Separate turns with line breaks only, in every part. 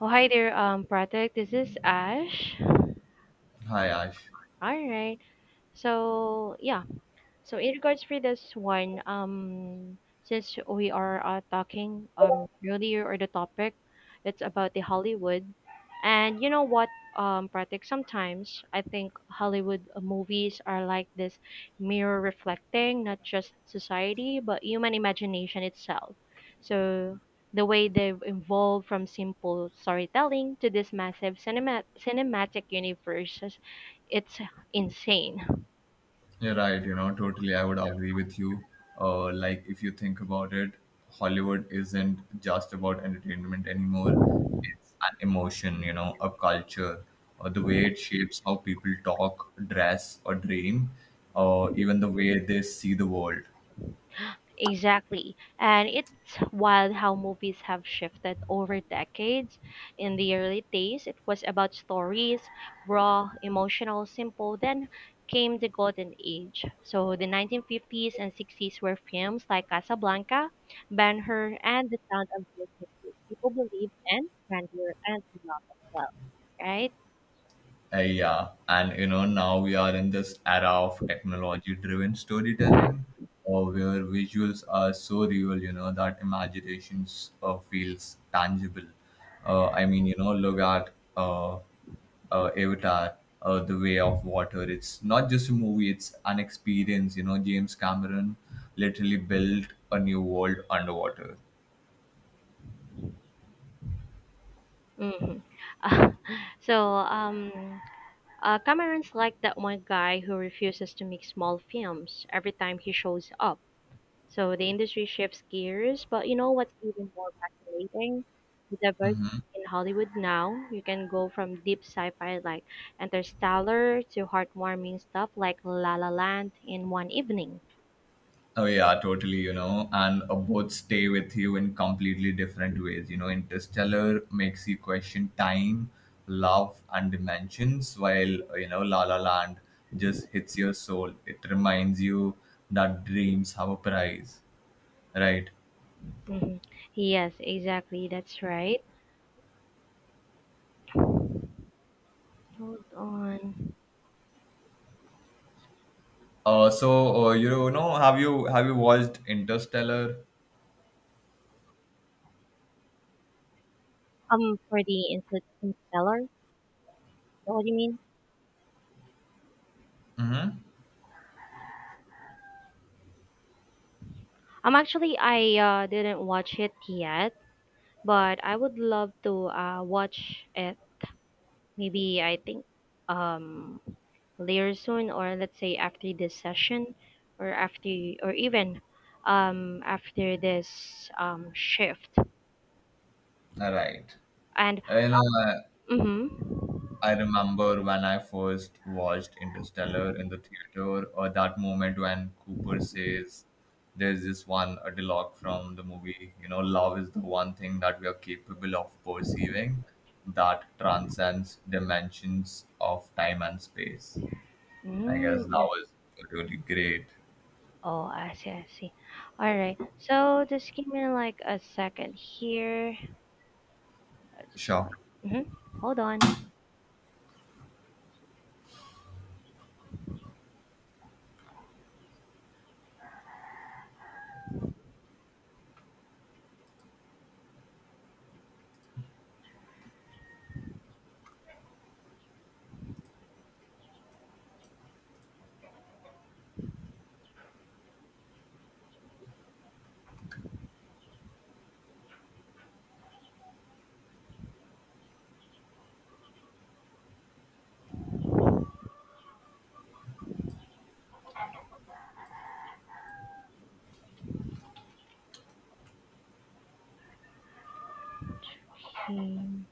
Oh, hi there, Pratik. This is Ash.
Hi Ash,
All right. So, yeah, so in regards for this one, since we are talking earlier or the topic, it's about the Hollywood, and you know what, Pratik, sometimes I think Hollywood movies are like this mirror reflecting not just society but human imagination itself. So the way they've evolved from simple storytelling to this massive cinematic universe, it's insane.
you're right. Totally. I would agree with you. Like if you think about it, Hollywood isn't just about entertainment anymore. It's an emotion. You know, a culture, or the way it shapes how people talk, dress, or dream, or even the way they see the world.
Exactly. And it's wild how movies have shifted over decades. In the early days, it was about stories, raw, emotional, simple. Then came the golden age. So the 1950s and 60s were films like Casablanca, Ben-Hur, and The Sound of Music. People believed in grandeur and love as well, right?
Yeah, and you know, now we are in this era of technology driven storytelling where visuals are so real, you know, that imaginations feels tangible. You know, look at uh, Avatar, The Way of Water. It's not just a movie, it's an experience. You know, James Cameron literally built a new world underwater.
Hmm. so, um, Cameron's like that one guy who refuses to make small films every time he shows up. So the industry shifts gears, but you know what's even more fascinating? The diversity in Hollywood now. You can go from deep sci-fi like Interstellar to heartwarming stuff like La La Land in one evening.
Oh yeah, totally, you know, and both stay with you in completely different ways. You know, Interstellar makes you question time, love, and dimensions, while you know, La La Land just hits your soul. It reminds you that dreams have a price, right?
Hmm. Yes, exactly. That's right. Hold on.
So you know, have you watched Interstellar?
For the Interstellar, is that what do you mean? Actually, I didn't watch it yet, but I would love to watch it. Maybe I think, um, later soon, or let's say after this session, or after, or even after this shift.
All right,
And
you know.
mm-hmm.
I remember when I first watched Interstellar in the theater, or that moment when Cooper says, there's this one a dialogue from the movie, you know, love is the one thing that we are capable of perceiving that transcends dimensions of time and space. I
Mm.
guess that
I-
was really great.
oh, I see, I see. All right. So just give me like a second here. I just
Sure.
want. Mm-hmm. Hold on. Mm.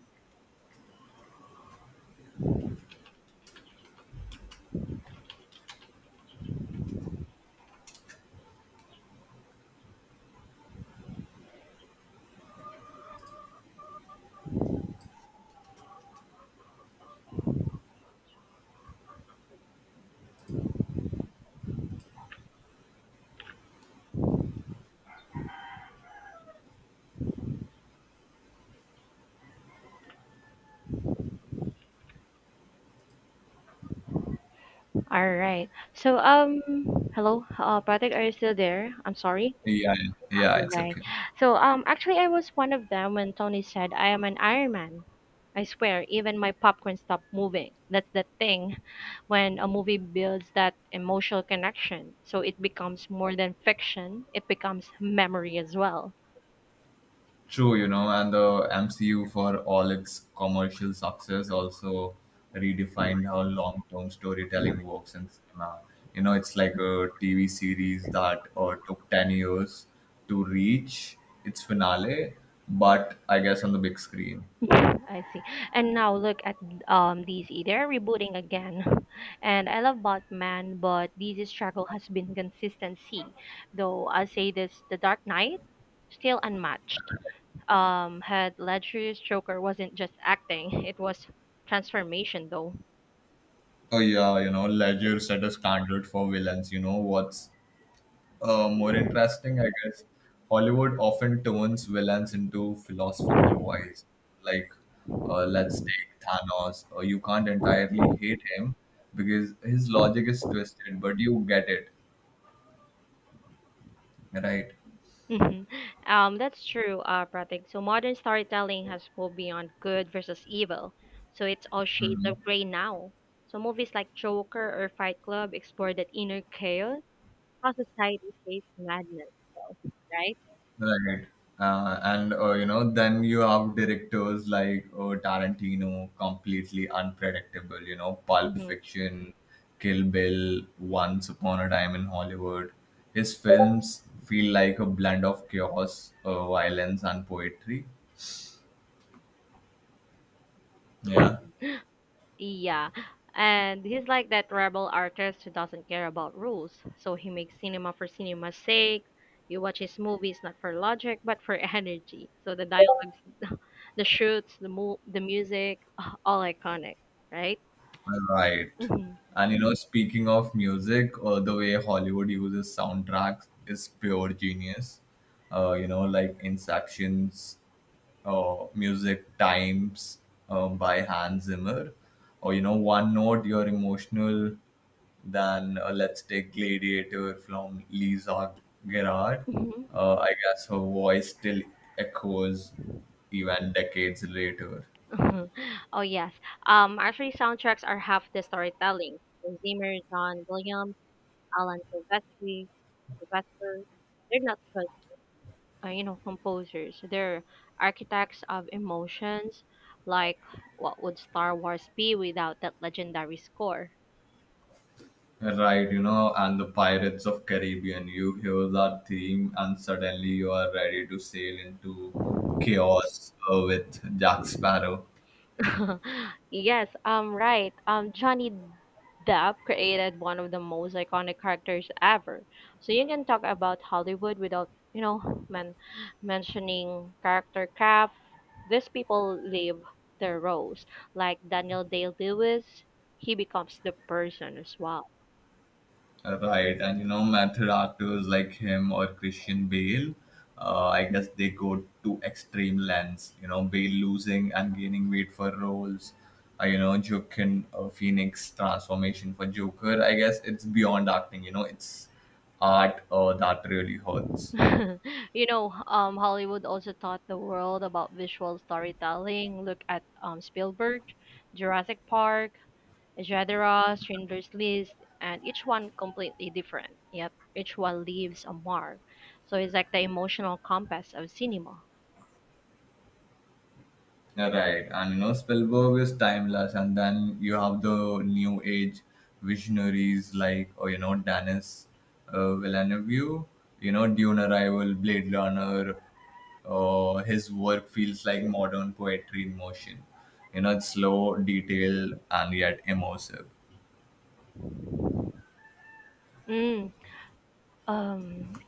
All right. So hello, Patrick, are you still there? I'm sorry.
Yeah, yeah, it's
Right.
okay.
So actually I was one of them when Tony said I am an Iron Man. I swear, even my popcorn stopped moving. That's the thing when a movie builds that emotional connection. So it becomes more than fiction, it becomes memory as well.
True, you know, and the MCU, for all its commercial success, also redefined how long term storytelling works in cinema. You know, it's like a TV series that took 10 years to reach its finale, but I guess on the big screen.
Yeah, I see. And now look at DC. They're rebooting again. And I love Batman, but DC's struggle has been consistency. Though I'll say this, The Dark Knight still unmatched. Had led to Joker wasn't just acting; it was transformation, though.
So, yeah, you know, Ledger set a standard for villains. You know, what's more interesting, I guess. Hollywood often turns villains into philosophical wise. Like, let's take Thanos. You can't entirely hate him because his logic is twisted, but you get it, right?
Mhm. That's true, Pratik. So modern storytelling has moved beyond good versus evil, so it's all shades
Mhm.
of gray now. So movies like Joker or Fight Club explore that inner chaos, how society shapes madness, though, right?
Right. And you know, then you have directors like Tarantino, completely unpredictable. You know, Pulp
Mhm.
Fiction, Kill Bill, Once Upon a Time in Hollywood. His films feel like a blend of chaos, violence, and poetry. Yeah,
Yeah, and he's like that rebel artist who doesn't care about rules. So he makes cinema for cinema's sake. You watch his movies not for logic but for energy. So the dialogues, the shoots, the the music, all iconic, right?
right.
Mhm.
And you know, speaking of music, the way Hollywood uses soundtracks is pure genius. You know, like Inception's music times by Hans Zimmer, or you know, One Note, you're emotional than let's take Gladiator from Lisa Gerard.
Mhm.
I guess her voice still echoes even decades later.
Mhm. Oh yes. Actually, soundtracks are half the storytelling. So Zimmer, John Williams, Alan Silvestri, Sylvester, they're not you know composers, they're architects of emotions, like what would star wars be without that legendary score.
Right, you know, and the Pirates of Caribbean. You hear that theme, and suddenly you are ready to sail into chaos with Jack Sparrow.
Yes. Right. Johnny Depp created one of the most iconic characters ever, so you can talk about hollywood without you know mentioning character craft. These people live their roles, like Daniel Day Lewis. He becomes the person as well.
Right, and you know, method actors like him or Christian Bale, I guess they go to extreme lengths. You know, Bale losing and gaining weight for roles. You know, Joaquin Phoenix transformation for Joker. I guess it's beyond acting. You know, it's art that really hurts.
You know, Hollywood also taught the world about visual storytelling. Look at Spielberg, Jurassic Park, Jadera, Schindler's List, and each one completely different, yet each one leaves a mark. So it's like the emotional compass of cinema.
Yeah, right, and you know, Spielberg is timeless, and then you have the new age visionaries like, or you know, Dennis Villeneuve, you know, Dune Arrival, Blade Runner. His work feels like modern poetry in motion. You know, it's slow, detailed, and yet immersive.
Mm. um,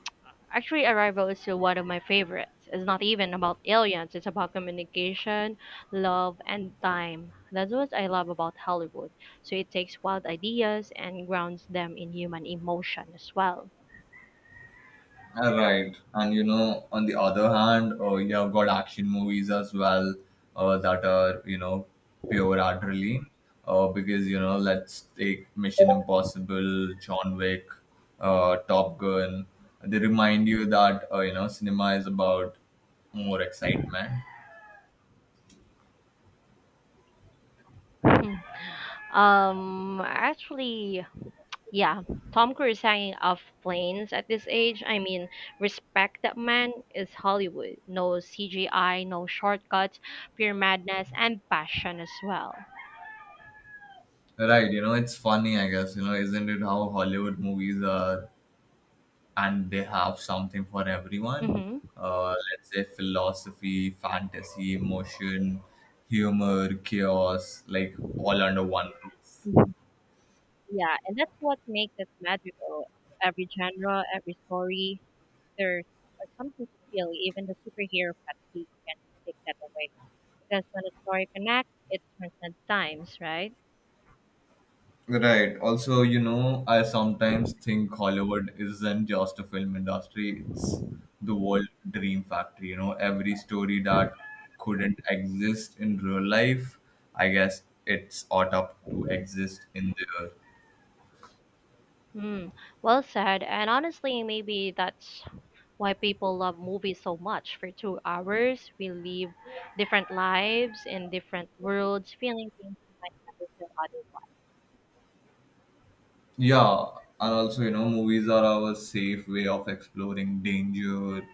Actually, Arrival is still one of my favorites. It's not even about aliens, it's about communication, love, and time. That's what I love about Hollywood. So it takes wild ideas and grounds them in human emotion as well.
Right. And you know, on the other hand, you have got action movies as well that are, you know, pure adrenaline. Because, you know, let's take Mission Impossible, John Wick, Top Gun. They remind you that, you know, cinema is about more excitement.
Actually, yeah, Tom Cruise hanging off planes at this age. I mean, respect, that man is Hollywood. No CGI, no shortcuts, pure madness, and passion as well.
Right. You know, it's funny, I guess, you know, isn't it how Hollywood movies are and they have something for everyone.
Mm-hmm.
Let's say philosophy, fantasy, emotion, humor, chaos, like all under one roof.
Yeah, and that's what makes it magical. Every genre, every story, there's something to feel. Even the superhero fatigue can take that away. Because when a story connects, it transcends times, right?
Right. Also, you know, I sometimes think Hollywood isn't just a film industry, it's the world dream factory. You know, every story that couldn't exist in real life, I guess it's ought up to exist in there.
Hmm. Well said. And honestly, maybe that's why people love movies so much. For 2 hours, we live different lives in different worlds, feeling things we might never feel
Yeah, and also, you know, movies are our safe way of exploring danger,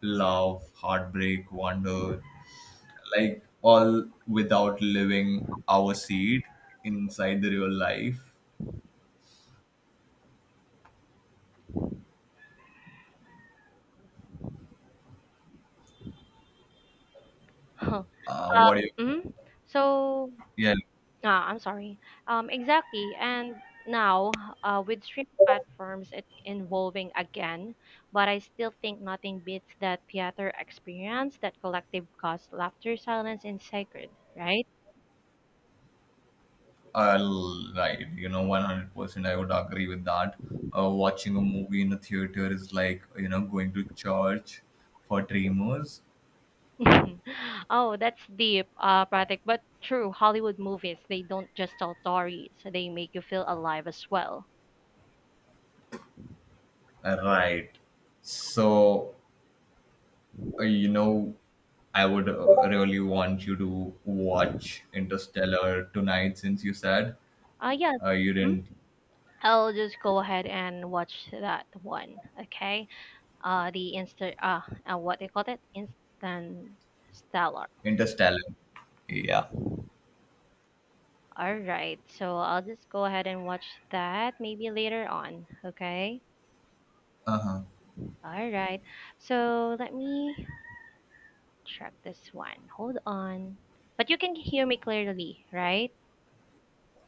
love, heartbreak, wonder, like all without living our seed inside the real life.
otherwise.
Uh,
uh,
what do you,
mm So,
yeah,
ah, I'm sorry. Exactly. And now, with streaming platforms, it involving again, but I still think nothing beats that theater experience, that collective cause, laughter, silence, and sacred, right?
I'll, right, you know, 100% I would agree with that. Watching a movie in a theater is like, you know, going to church for dreamers.
Oh, that's deep, Pratik. But true, Hollywood movies, they don't just tell stories, so they make you feel alive as well.
Right. So, you know, I would really want you to watch Interstellar tonight since you said
Yes.
you
Mm.
didn't.
I'll just go ahead and watch that one, okay? The insta what they call it, instant stellar.
Interstellar. Yeah.
All right, so I'll just go ahead and watch that maybe later on, okay.
Uh huh.
All right, so let me check this one, hold on. But you can hear me clearly, right?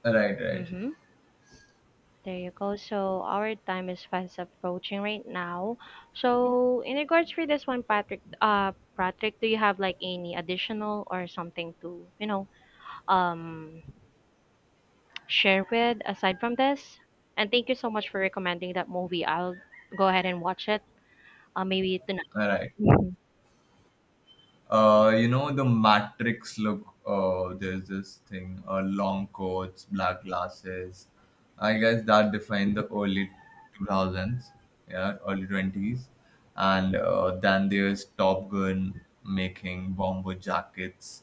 Right, right.
Mm-hmm. There you go. So our time is fast approaching right now. So in regards for this one, Patrick, Patrick, do you have like any additional or something to you know, um share with aside from this. And thank you so much for recommending that movie. I'll go ahead and watch it. Maybe tonight.
All right.
Mhm.
You know the Matrix look. There's this thing, long coats, black glasses. I guess that defined the early 2000s, yeah, early 20s, and then there's Top Gun making bomber jackets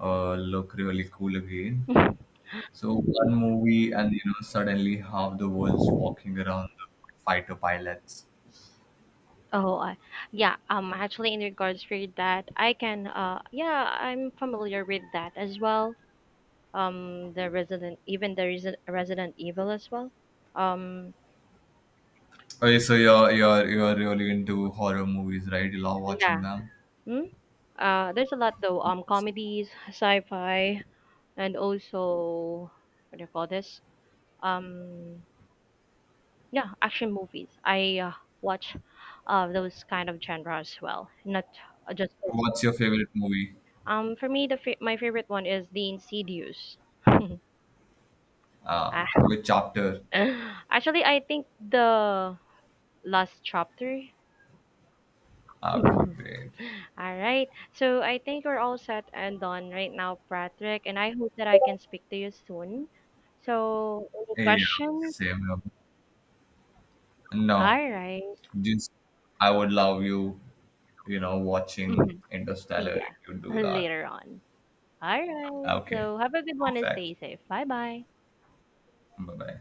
look really cool again. So one movie, and you know suddenly half the world's walking around the fighter pilots.
Oh. Yeah. Actually, in regards for that, I can. Yeah, I'm familiar with that as well. The Resident, even the Resident Evil as well. Um,
Okay, so you're really into horror movies, right? You love
yeah.
watching them.
Hmm? There's a lot though. Comedies, sci-fi, and also what do you call this? Um, Yeah, action movies. I watch those kind of genre as well. Not just
What's your favorite movie?
for me, the my favorite one is The Insidious. Ah.
Which chapter?
Actually, I think the last chapter.
Okay,
Mhm.
great.
All right. So I think we're all set and done right now, Patrick, and I hope that I can speak to you soon. So any
Yeah,
questions?
same here. No,
All right.
just I would love you, you know, watching
Mhm.
Interstellar if
Yeah,
you do that.
later on. All right.
Okay,
So have a good one and
perfect.
stay safe. Bye bye.
Bye bye.